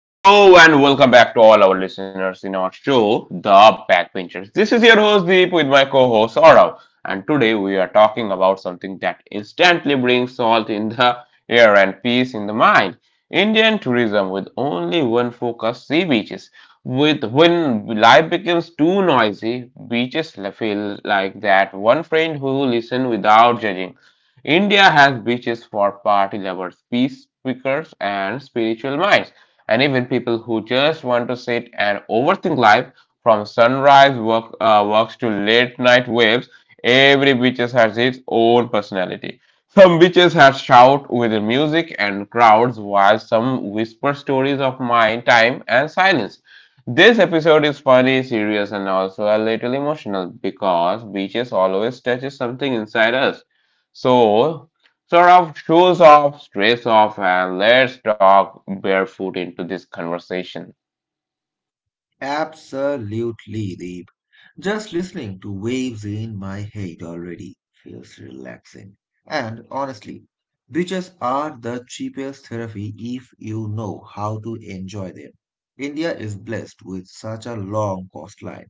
Hello and welcome back to all our listeners in our show, The Backbenchers. This is your host Deep with my co-host Aurav, and today we are talking about something that instantly brings salt in the air and peace in the mind. Indian tourism with only one focus, sea beaches. With when life becomes too noisy, beaches feel like that one friend who listens without judging. India has beaches for party lovers, peace speakers, and spiritual minds and even people who just want to sit and overthink life from sunrise work, works to late night waves. Every beaches has its own personality. Some beaches have shout with the music and crowds, while some whisper stories of mind, time, and silence. This episode is funny, serious, and also a little emotional because beaches always touches something inside us. So sort of shoes off, stress off, and let's talk barefoot into this conversation. Absolutely, deep. Just listening to waves in my head already feels relaxing. And honestly, beaches are the cheapest therapy if you know how to enjoy them. India is blessed with such a long coastline,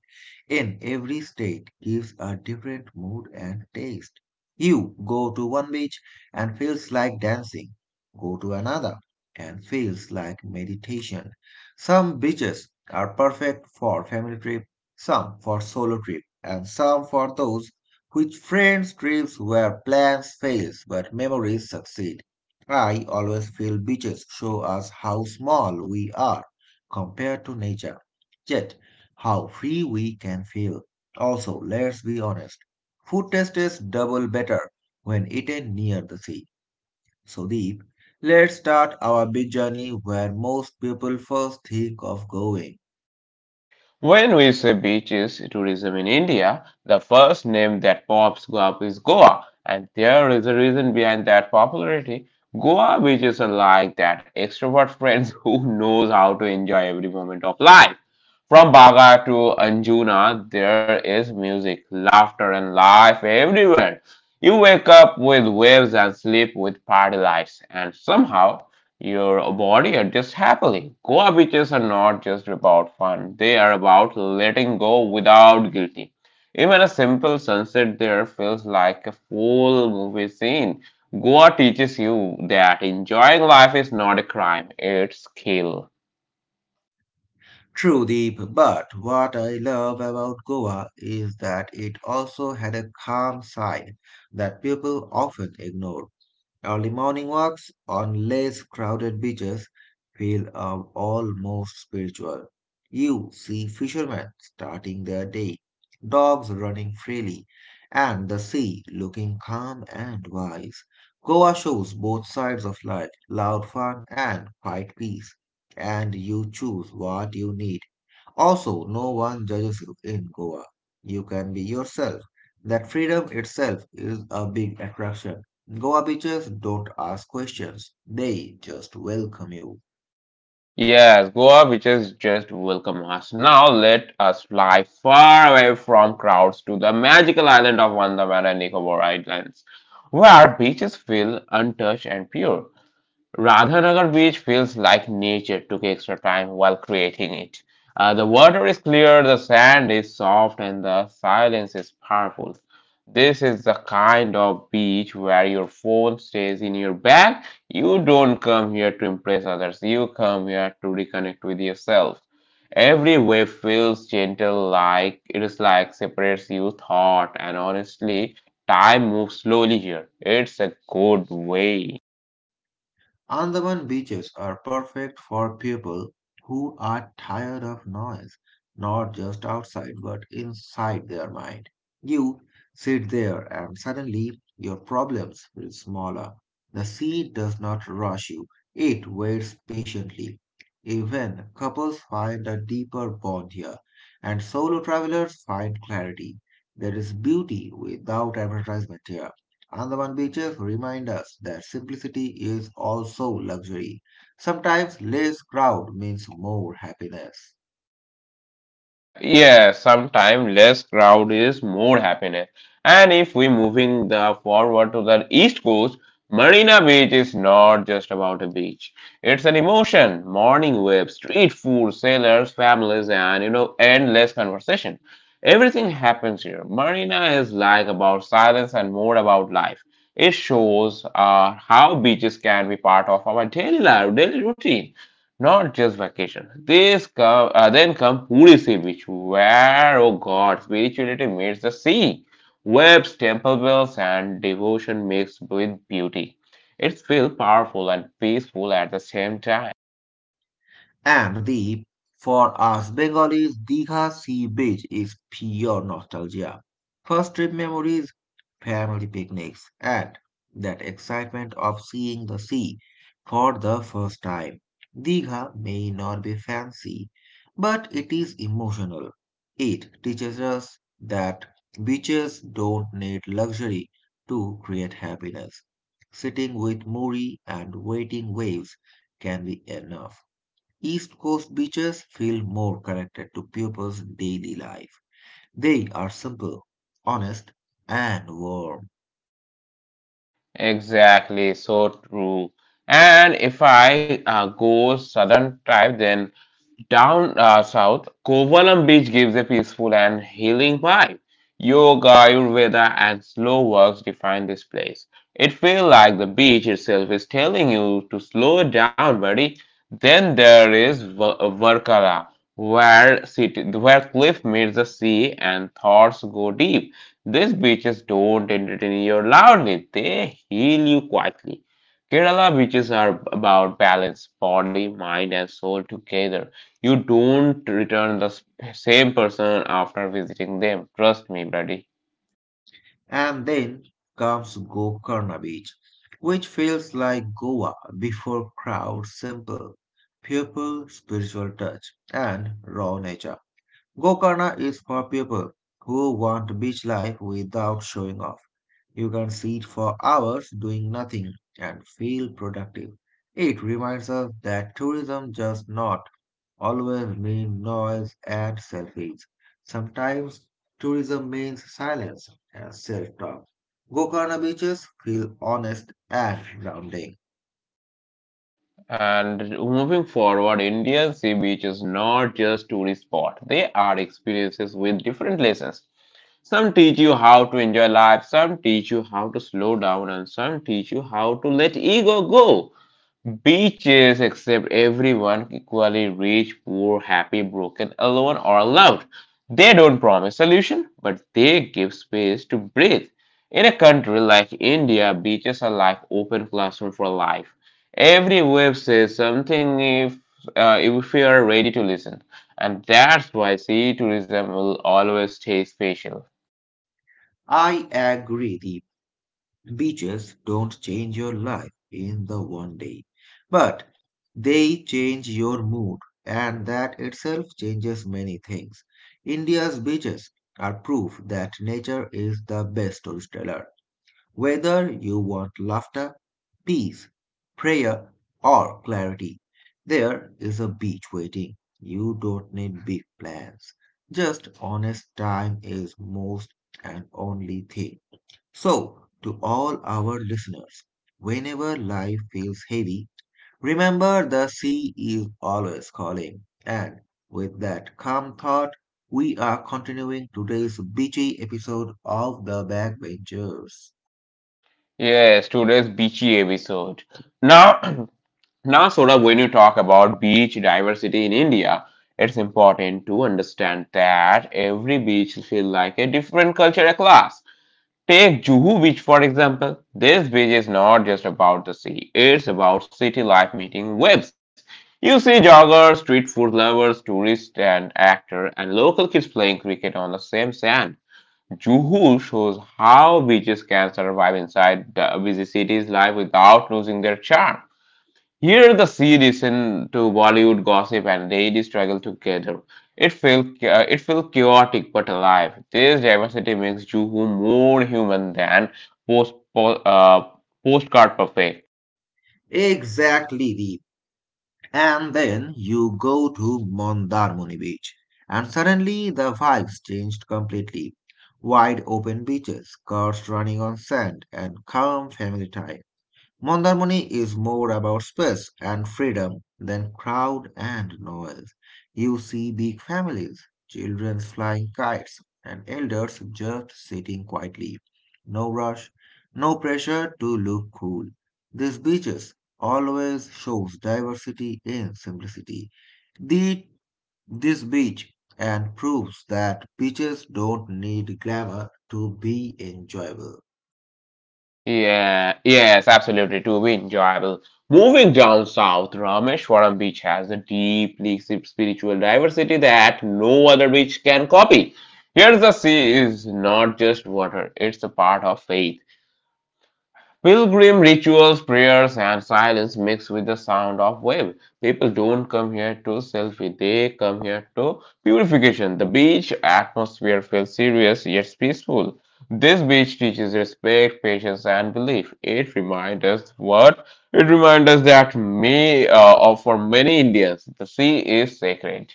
and every state gives a different mood and taste. You go to one beach and feels like dancing, go to another and feels like meditation. Some beaches are perfect for family trips, some for solo trip, and some for those which friends trips where plans fails but memories succeed. I always feel beaches show us how small we are compared to nature, yet how free we can feel. Also, let's be honest, food tastes double better when eaten near the sea. So deep, let's start our beach journey where most people first think of going. When we say beaches tourism in India, the first name that pops up is Goa, and there is a reason behind that popularity. Goa beaches are like that extrovert friends who knows how to enjoy every moment of life. From Baga to Anjuna, there is music, laughter, and life everywhere. You wake up with waves and sleep with party lights, and somehow your body adjusts happily. Goa beaches are not just about fun, they are about letting go without guilty. Even a simple sunset there feels like a full movie scene. Goa teaches you that enjoying life is not a crime, it's skill. True, Deep, but what I love about Goa is that it also had a calm side that people often ignore. Early morning walks on less crowded beaches feel almost spiritual. You see fishermen starting their day, dogs running freely, and the sea looking calm and wise. Goa shows both sides of life, loud fun and quiet peace, and you choose what you need. Also, no one judges you in Goa. You can be yourself. That freedom itself is a big attraction. Goa beaches don't ask questions, they just welcome you. Yes, Goa beaches just welcome us. Now let us fly far away from crowds to the magical island of Andaman and Nicobar Islands, where beaches feel untouched and pure. Radhanagar beach feels like nature took extra time while creating it. The water is clear, the sand is soft, and the silence is powerful. This is the kind of beach where your phone stays in your bag. You don't come here to impress others, you come here to reconnect with yourself. Every wave feels gentle, like it is like separates you thought, and honestly, time moves slowly here. It's a good way. Andaman beaches are perfect for people who are tired of noise, not just outside but inside their mind. You sit there and suddenly your problems feel smaller. The sea does not rush you, it waits patiently. Even couples find a deeper bond here, and solo travelers find clarity. There is beauty without advertisement here. Andaman beaches remind us that simplicity is also luxury. Sometimes less crowd means more happiness. Yeah, sometimes less crowd is more happiness. And if we moving the forward to the east coast, Marina Beach is not just about a beach. It's an emotion, morning waves, street food, sailors, families, and you know, endless conversation. Everything happens here. Marina is like about silence and more about life. It shows how beaches can be part of our daily life, daily routine. Not just vacation. Then come Purisy Beach, where, oh God, spirituality meets the sea. Webs, temple bells, and devotion mixed with beauty. It feels powerful and peaceful at the same time. And the, for us Bengalis, Digha Sea Beach is pure nostalgia. First trip memories, family picnics, and that excitement of seeing the sea for the first time. Digha may not be fancy, but it is emotional. It teaches us that beaches don't need luxury to create happiness. Sitting with Muri and waiting waves can be enough. East Coast beaches feel more connected to people's daily life. They are simple, honest, and warm. Exactly, so true. And if I go southern type, then down south, Kovalam Beach gives a peaceful and healing vibe. Yoga, Ayurveda, and slow walks define this place. It feels like the beach itself is telling you to slow down, buddy. Then there is Varkala, where cliff meets the sea and thoughts go deep. These beaches don't entertain you loudly; they heal you quietly. Kerala beaches are about balance, body, mind, and soul together. You don't return the same person after visiting them. Trust me, buddy. And then comes Gokarna Beach, which feels like Goa before crowd simple, pure spiritual touch, and raw nature. Gokarna is for people who want beach life without showing off. You can sit for hours doing nothing and feel productive. It reminds us that tourism does not always mean noise and selfies. Sometimes tourism means silence and self-talk. Gokarna beaches feel honest and grounding. And moving forward, India's sea beach is not just tourist spot. They are experiences with different lessons. Some teach you how to enjoy life, some teach you how to slow down, and some teach you how to let ego go. Beaches accept everyone equally rich, poor, happy, broken, alone, or allowed. They don't promise solution, but they give space to breathe. In a country like India, beaches are like open classroom for life. Every wave says something if we are ready to listen, and that's why sea tourism will always stay special. I agree with you. Beaches don't change your life in the one day, but they change your mood, and that itself changes many things. India's beaches are proof that nature is the best storyteller. Whether you want laughter, peace, prayer, or clarity, there is a beach waiting. You don't need big plans. Just honest time is most and only thing. So, to all our listeners, whenever life feels heavy, remember the sea is always calling. And with that calm thought, we are continuing today's beachy episode of The Backbenchers. Yes, today's beachy episode. Now now, Saurabh, when you talk about beach diversity in India, it's important to understand that every beach feels like a different cultural class. Take Juhu Beach, for example. This beach is not just about the sea, it's about city life meeting waves. You see joggers, street food lovers, tourists, and actors, and local kids playing cricket on the same sand. Juhu shows how beaches can survive inside the busy city's life without losing their charm. Here, the series into Bollywood gossip and daily struggle together. It felt chaotic but alive. This diversity makes Juhu more human than post, po- uh, postcard perfect. Exactly, Deep. And then you go to Mondarmoni Beach, and suddenly the vibes changed completely. Wide open beaches, cars running on sand, and calm family time. Mondarmoni is more about space and freedom than crowd and noise. You see big families, children flying kites, and elders just sitting quietly. No rush, no pressure to look cool. These beaches always shows diversity in simplicity. The, this beach and proves that beaches don't need glamour to be enjoyable. Yeah, yes, absolutely. To be enjoyable. Moving down south, Rameshwaram beach has a deeply spiritual diversity that no other beach can copy. Here's the sea is not just water; it's a part of faith. Pilgrim rituals, prayers, and silence mixed with the sound of wave. People don't come here to selfie, they come here to purification. The beach atmosphere feels serious yet peaceful. This beach teaches respect, patience, and belief. It reminds us what? It reminds us that for many Indians, the sea is sacred.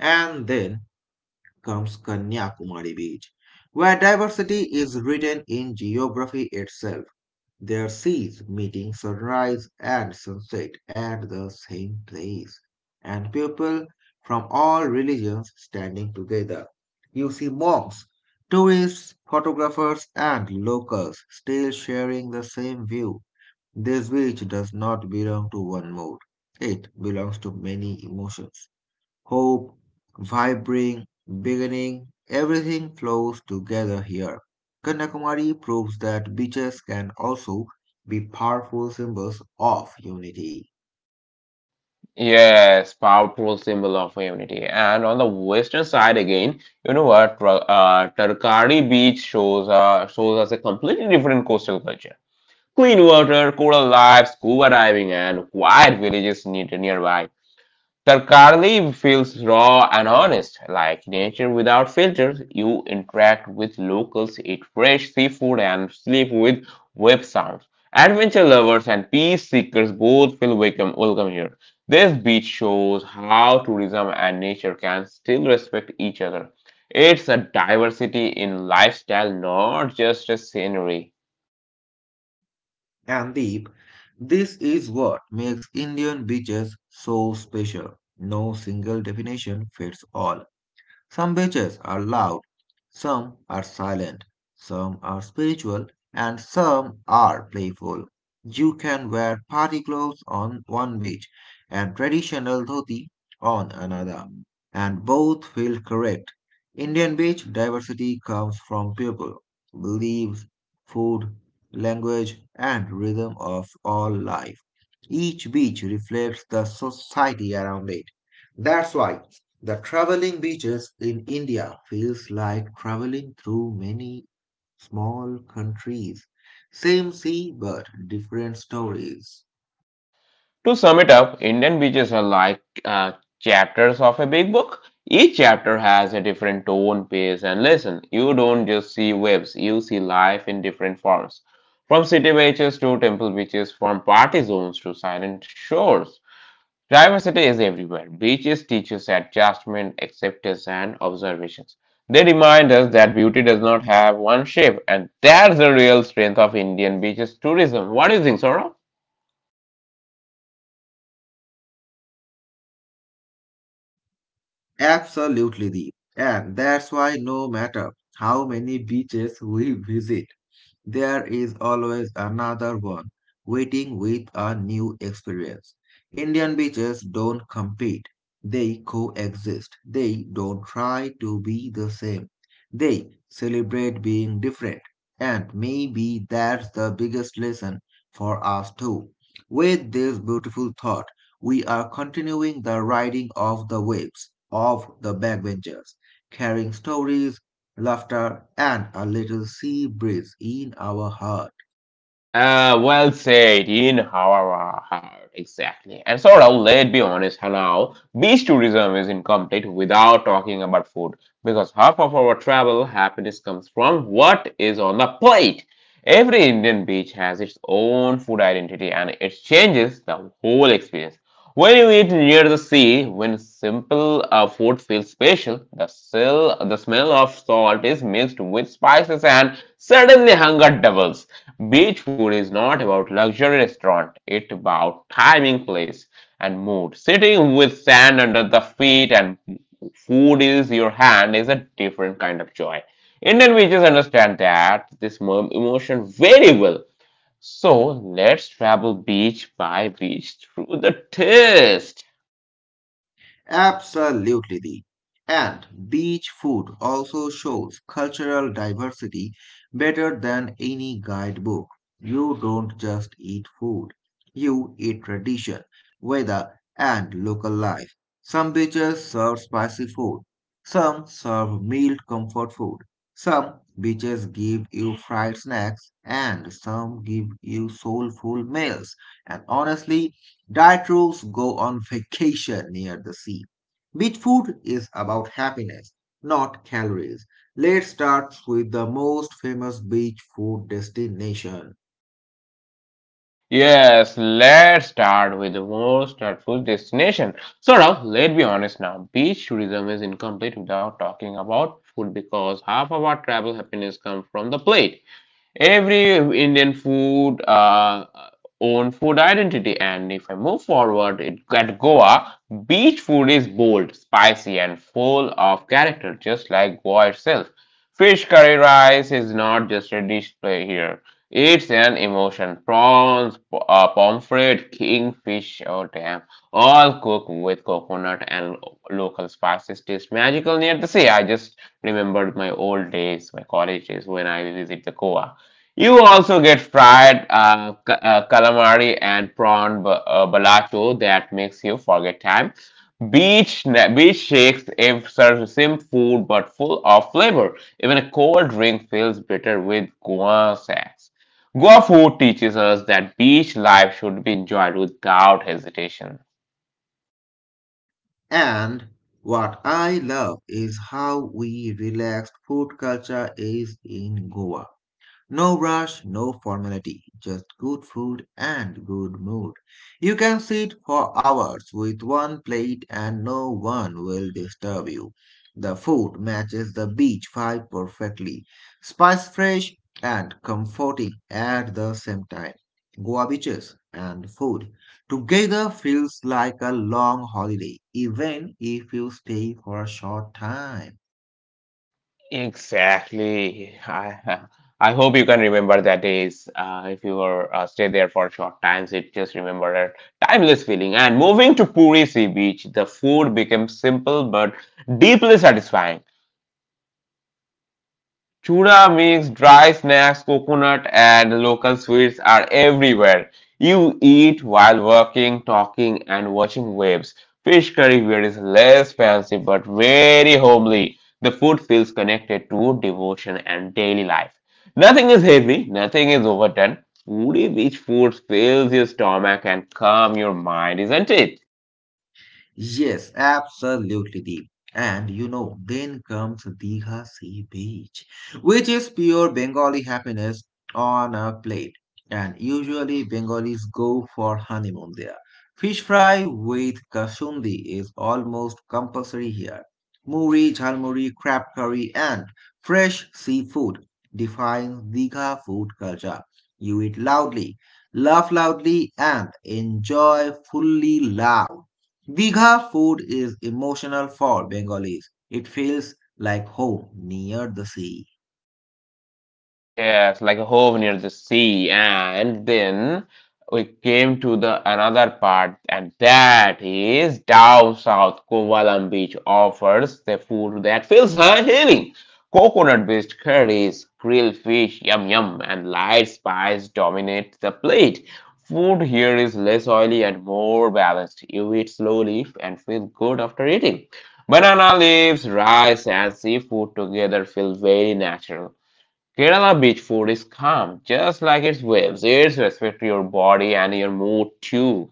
And then comes Kanyakumari Beach, where diversity is written in geography itself. Their seas meeting sunrise and sunset at the same place, and people from all religions standing together. You see monks, tourists, photographers, and locals still sharing the same view. This beach does not belong to one mood. It belongs to many emotions: hope, vibrant, beginning, everything flows together here. Kanyakumari proves that beaches can also be powerful symbols of unity. Yes, powerful symbol of unity. And on the western side again, you know what? Tarkari Beach shows us a completely different coastal culture. Clean water, coral life, scuba diving, and quiet villages near nearby. Sarkarleev feels raw and honest, like nature without filters. You interact with locals, eat fresh seafood, and sleep with web sounds. Adventure lovers and peace seekers both feel welcome here. This beach shows how tourism and nature can still respect each other. It's a diversity in lifestyle, not just a scenery. And Deep, this is what makes Indian beaches so special. No single definition fits all. Some beaches are loud, some are silent, some are spiritual, and some are playful. You can wear party clothes on one beach and traditional dhoti on another, and both feel correct. Indian beach diversity comes from people, beliefs, food, language, and rhythm of all life. Each beach reflects the society around it. That's why the traveling beaches in India feels like traveling through many small countries. Same sea, but different stories. To sum it up, Indian beaches are like chapters of a big book. Each chapter has a different tone, pace, and lesson. You don't just see waves, you see life in different forms. From city beaches to temple beaches, from party zones to silent shores. Diversity is everywhere. Beaches teach us adjustment, acceptance, and observations. They remind us that beauty does not have one shape, and that's the real strength of Indian beaches tourism. What do you think, Saurabh? Absolutely, Deep. And that's why no matter how many beaches we visit, there is always another one waiting with a new experience. Indian beaches don't compete, they coexist. They don't try to be the same, they celebrate being different. And maybe that's the biggest lesson for us too. With this beautiful thought, we are continuing the riding of the waves of the backbenchers, carrying stories, laughter, and a little sea breeze in our heart. Well said, in our heart, exactly. And Saurabh, let's be honest, now beach tourism is incomplete without talking about food because half of our travel happiness comes from what is on the plate. Every Indian beach has its own food identity and it changes the whole experience. When you eat near the sea, when simple food feels special, the smell of salt is mixed with spices and suddenly hunger doubles. Beach food is not about luxury restaurant, it's about timing, place, and mood. Sitting with sand under the feet and food is your hand is a different kind of joy. Indian beaches understand that this emotion very well. So let's travel beach by beach through the taste. Absolutely. And beach food also shows cultural diversity better than any guidebook. You don't just eat food, you eat tradition, weather, and local life. Some beaches serve spicy food, some serve mild comfort food, some beaches give you fried snacks, and some give you soulful meals. And honestly, diet rules go on vacation near the sea. Beach food is about happiness, not calories. Let's start with the most famous beach food destination. Yes, let's start with the most thoughtful destination. So now, let's be honest now. Beach tourism is incomplete without talking about food because half of our travel happiness comes from the plate every Indian food own food identity. And if I move forward it, at Goa, beach food is bold, spicy, and full of character, just like Goa itself. Fish curry rice is not just a dish play here. It's an emotion. Prawns, pomfret, kingfish, oh damn, all cooked with coconut and local spices. Taste magical near the sea. I just remembered my old days, my college days when I visit the Goa. You also get fried calamari and prawn balato that makes you forget time. Beach shakes if serves the same food but full of flavor. Even a cold drink feels better with guan sacks. Goa food teaches us that beach life should be enjoyed without hesitation. And what I love is how we relaxed food culture is in Goa. No rush, no formality, just good food and good mood. You can sit for hours with one plate and no one will disturb you. The food matches the beach vibe perfectly, spice fresh and comforting at the same time. Goa beaches and food together feels like a long holiday, even if you stay for a short time. Exactly. I I hope you can remember that days. If you were stay there for short times, it just remember that timeless feeling. And moving to Puri Sea Beach, the food became simple but deeply satisfying. Chura mix, dry snacks, coconut, and local sweets are everywhere. You eat while working, talking, and watching waves. Fish curry here is less fancy but very homely. The food feels connected to devotion and daily life. Nothing is heavy, nothing is overdone. Woody beach food fills your stomach and calm your mind, isn't it? Yes, absolutely deep. And you know, then comes Digha Sea Beach, which is pure Bengali happiness on a plate. And usually Bengalis go for honeymoon there. Fish fry with kasundi is almost compulsory here. Muri, jhalmuri, crab curry, and fresh seafood defines Digha food culture. You eat loudly, laugh loudly, and enjoy fully loud. Digha food is emotional for Bengalis. It feels like home near the sea. Yes, like a home near the sea. And then we came to the another part, and that is down south. Kovalam Beach offers the food that feels healing. Coconut-based curries, grilled fish, yum yum, and light spice dominate the plate. Food here is less oily and more balanced. You eat slowly and feel good after eating. Banana leaves, rice, and seafood together feel very natural. Kerala beach food is calm, just like its waves. It's respect to your body and your mood too.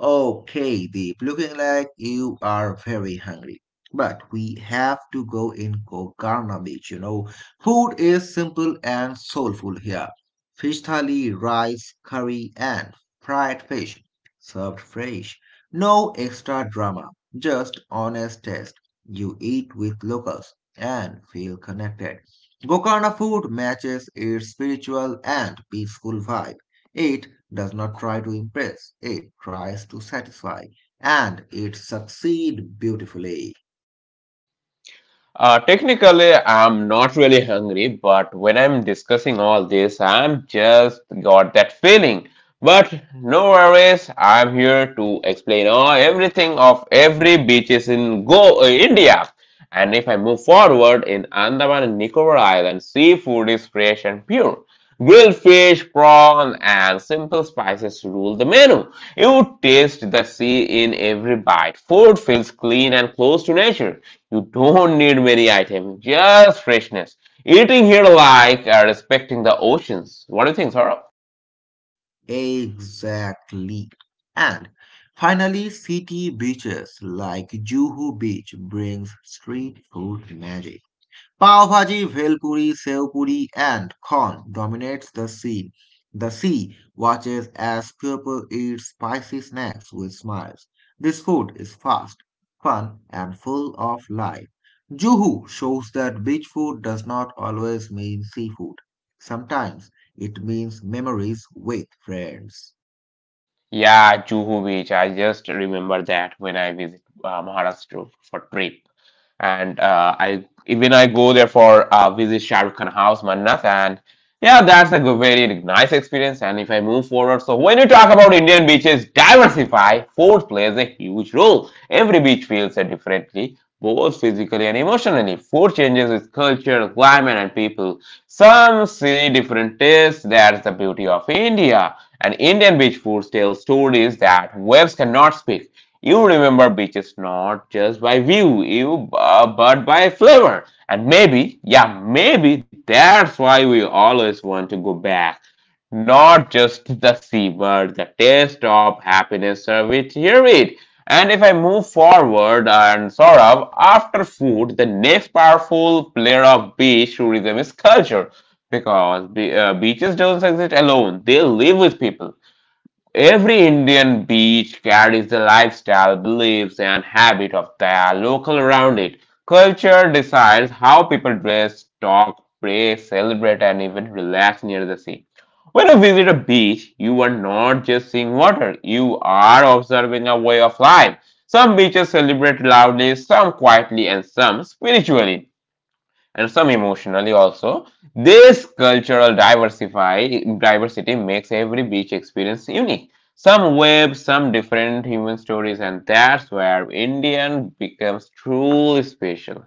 Okay, Deep, looking like you are very hungry. But we have to go in Gokarna Beach, you know. Food is simple and soulful here. Fish thali, rice, curry, and fried fish, served fresh. No extra drama, just honest taste. You eat with locals and feel connected. Gokarna food matches its spiritual and peaceful vibe. It does not try to impress, it tries to satisfy, and it succeeds beautifully. Technically, I'm not really hungry, but when I'm discussing all this, I'm just got that feeling. But no worries, I'm here to explain all everything of every beaches in Go India. And if I move forward in Andaman and Nicobar Island, seafood is fresh and pure. Grilled fish, prawn, and simple spices rule the menu. You taste the sea in every bite. Food feels clean and close to nature. You don't need many items, just freshness. Eating here like respecting the oceans. What do you think, Saurabh? Exactly. And finally, city beaches like Juhu Beach brings street food magic. Pav Bhaji, Bhelpuri, Sev Puri, and Corn dominates the scene. The sea watches as people eat spicy snacks with smiles. This food is fast, fun, and full of life. Juhu shows that beach food does not always mean seafood. Sometimes it means memories with friends. Yeah, Juhu Beach. I just remember that when I visit Maharashtra for trip. And I even I go there for visit Shah Rukh Khan house, Mannas, and yeah, that's a good, very nice experience. And if I move forward, so when you talk about Indian beaches, diversify. Food plays a huge role. Every beach feels it differently, both physically and emotionally. Food changes with culture, climate, and people. Some see different tastes. That's the beauty of India. And Indian beach food tells stories that waves cannot speak. You remember beaches not just by view, you but by flavor. And maybe, yeah, maybe that's why we always want to go back. Not just the sea, but the taste of happiness served here it. And if I move forward and sort of after food, the next powerful player of beach tourism is culture because beaches don't exist alone; they live with people. Every Indian beach carries the lifestyle, beliefs, and habit of their local around it. Culture decides how people dress, talk, pray, celebrate, and even relax near the sea. When you visit a beach, you are not just seeing water, you are observing a way of life. Some beaches celebrate loudly, some quietly, and some spiritually and some emotionally also. This cultural diversify diversity makes every beach experience unique. Some web, some different human stories, and that's where Indian becomes truly special.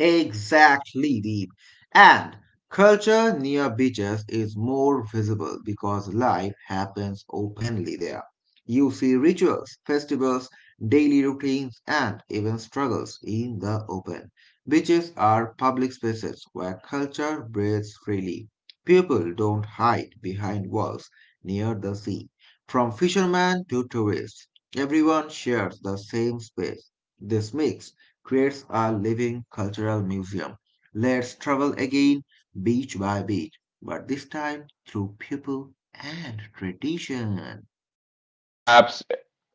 Exactly, Deep. And culture near beaches is more visible because life happens openly there. You see rituals, festivals, daily routines, and even struggles in the open. Beaches are public spaces where culture breathes freely. People don't hide behind walls near the sea. From fishermen to tourists, everyone shares the same space. This makes creates a living cultural museum. Let's travel again, beach by beach, but this time through people and tradition. Abs-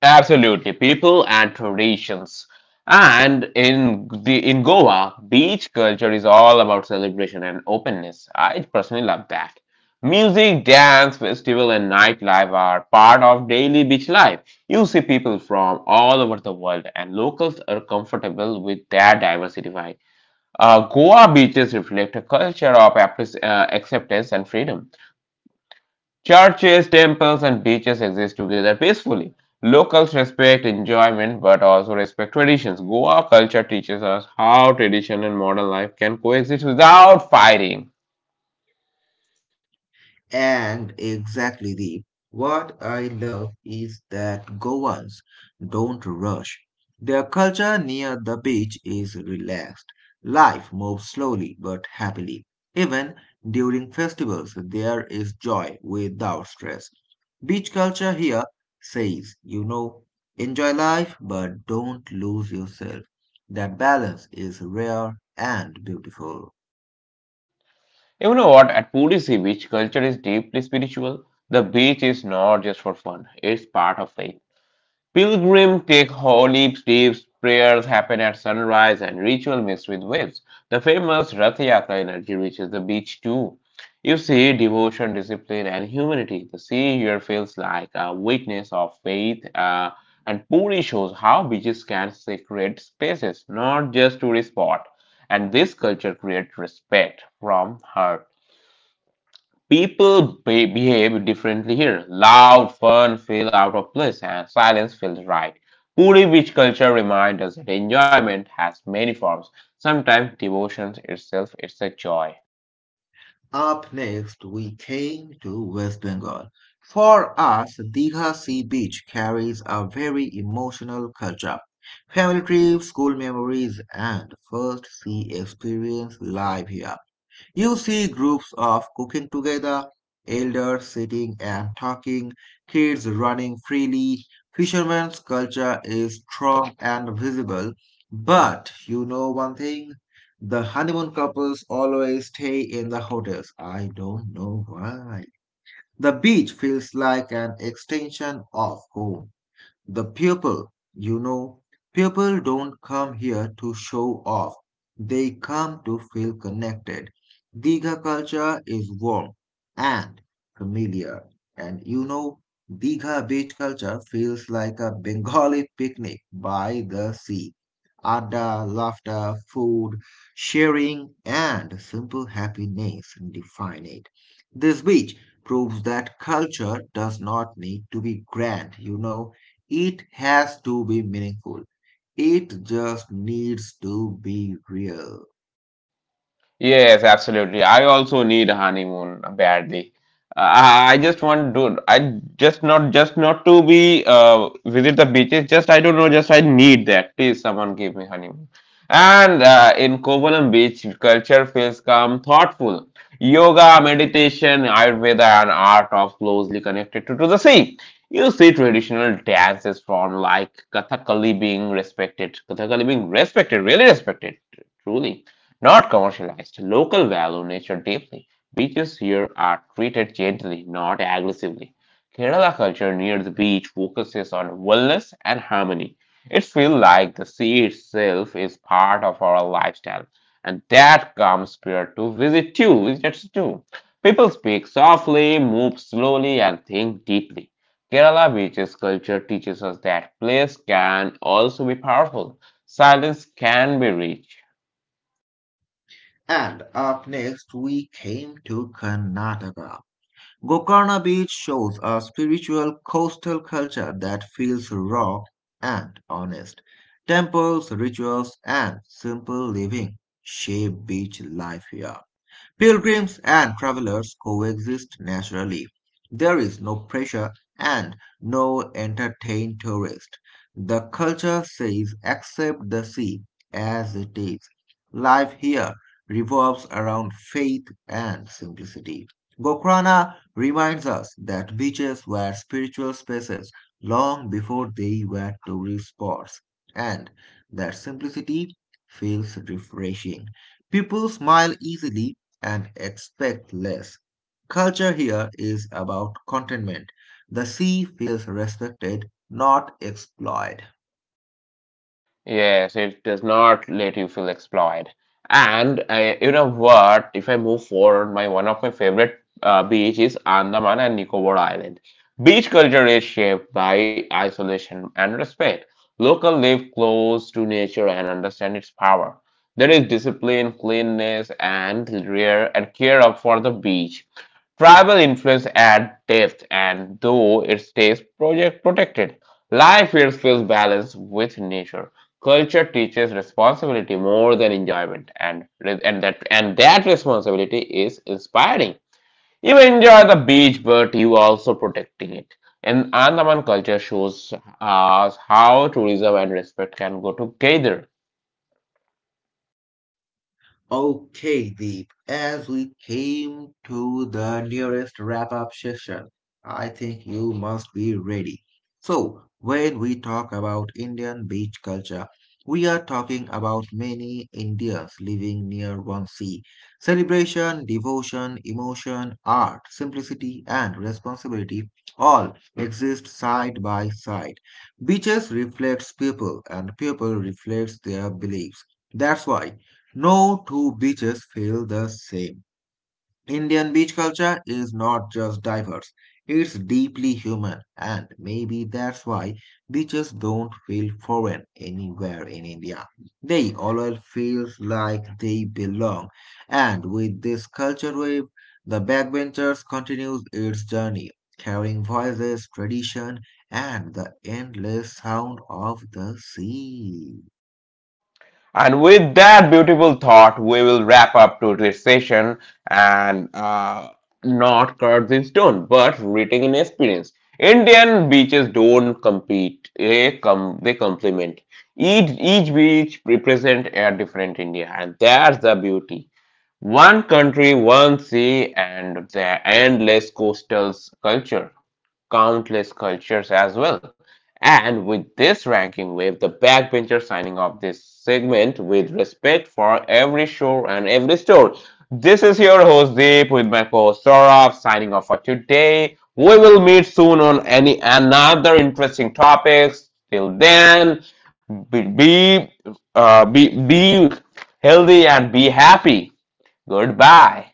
absolutely, people and traditions. And in Goa, beach culture is all about celebration and openness. I personally love that. Music, dance, festival, and nightlife are part of daily beach life. You see people from all over the world, and locals are comfortable with their diversity. Goa beaches reflect a culture of acceptance and freedom. Churches, temples, and beaches exist together peacefully. Locals respect enjoyment but also respect traditions. Goa culture teaches us how tradition and modern life can coexist without fighting. And exactly the what I love is that Goans don't rush. Their culture near the beach is relaxed. Life moves slowly but happily. Even during festivals, there is joy without stress. Beach culture here says, you know, enjoy life but don't lose yourself. That balance is rare and beautiful. You know what? At Puri Sea Beach, culture is deeply spiritual. The beach is not just for fun, it's part of faith. Pilgrims take holy dips, prayers happen at sunrise, and ritual mixed with waves. The famous Rath Yatra energy reaches the beach too. You see devotion, discipline, and humanity. The sea here feels like a witness of faith, and Puri shows how beaches can sacred spaces, not just tourist spot. And this culture creates respect from her. People behave differently here. Loud fun feel out of place and silence feels right. Puri beach culture reminds us that enjoyment has many forms. Sometimes devotion itself is a joy. Up next, we came to West Bengal. For us, Digha Sea Beach carries a very emotional culture. Family trips, school memories, and first sea experience live here. You see groups of cooking together, elders sitting and talking, kids running freely. Fishermen's culture is strong and visible. But you know one thing? The honeymoon couples always stay in the hotels. I don't know why. The beach feels like an extension of home. The people, you know, people don't come here to show off. They come to feel connected. Diga culture is warm and familiar. And you know, Diga beach culture feels like a Bengali picnic by the sea. Adda, laughter, food, sharing, and simple happiness define it. This beach proves that culture does not need to be grand, you know. It has to be meaningful. It just needs to be real. Yes, absolutely. I also need a honeymoon badly. I just want to. I just not to be visit the beaches. Just I don't know. Just I need that. Please, someone give me honeymoon. And in Kovalam Beach, culture feels calm, thoughtful. Yoga, meditation, Ayurveda, and art are closely connected to the sea. You see traditional dances from like Kathakali being respected. Kathakali being respected, really respected, truly not commercialized, local value nature deeply. Beaches here are treated gently, not aggressively. Kerala culture near the beach focuses on wellness and harmony. It feels like the sea itself is part of our lifestyle, and that calm spirit to visit too, visitors too. People speak softly, move slowly, and think deeply. Kerala beaches culture teaches us that place can also be powerful. Silence can be rich. And up next, we came to Karnataka. Gokarna Beach shows a spiritual coastal culture that feels raw and honest. Temples, rituals, and simple living shape beach life here. Pilgrims and travelers coexist naturally. There is no pressure and no entertain tourist. The culture says accept the sea as it is. Life here revolves around faith and simplicity. Gokrana reminds us that beaches were spiritual spaces long before they were tourist spots, and that simplicity feels refreshing. People smile easily and expect less. Culture here is about contentment. The sea feels respected, not exploited. Yes, it does not let you feel exploited. And you know what? If I move forward, my one of my favorite beach is Andaman and Nicobar Island. Beach culture is shaped by isolation and respect. Local live close to nature and understand its power. There is discipline, cleanliness, and rare and care up for the beach. Tribal influence add depth, and though it stays project protected, life here feels balanced with nature. Culture teaches responsibility more than enjoyment, and that responsibility is inspiring. You enjoy the beach, but you also protecting it. And Andaman culture shows us how tourism and respect can go together. Okay, Deep, as we came to the nearest wrap up session, I think you must be ready. So, when we talk about Indian beach culture, we are talking about many Indians living near one sea. Celebration, devotion, emotion, art, simplicity, and responsibility all exist side by side. Beaches reflects people, and people reflects their beliefs. That's why no two beaches feel the same. Indian beach culture is not just diverse, it's deeply human, and maybe that's why beaches don't feel foreign anywhere in India. They always feel like they belong, and with this culture wave, the backbenchers continues its journey, carrying voices, tradition, and the endless sound of the sea. And with that beautiful thought, we will wrap up today's session and not carved in stone, but written in experience. Indian beaches don't compete; they complement. Each beach represents a different India, and that's the beauty. One country, one sea, and the endless coastal culture countless cultures as well. And with this ranking wave, the backbencher signing off this segment with respect for every show and every store. This is your host Deep with my co-host Saurabh signing off for today. We will meet soon on any another interesting topics. Till then, be be, be healthy and be happy. Goodbye.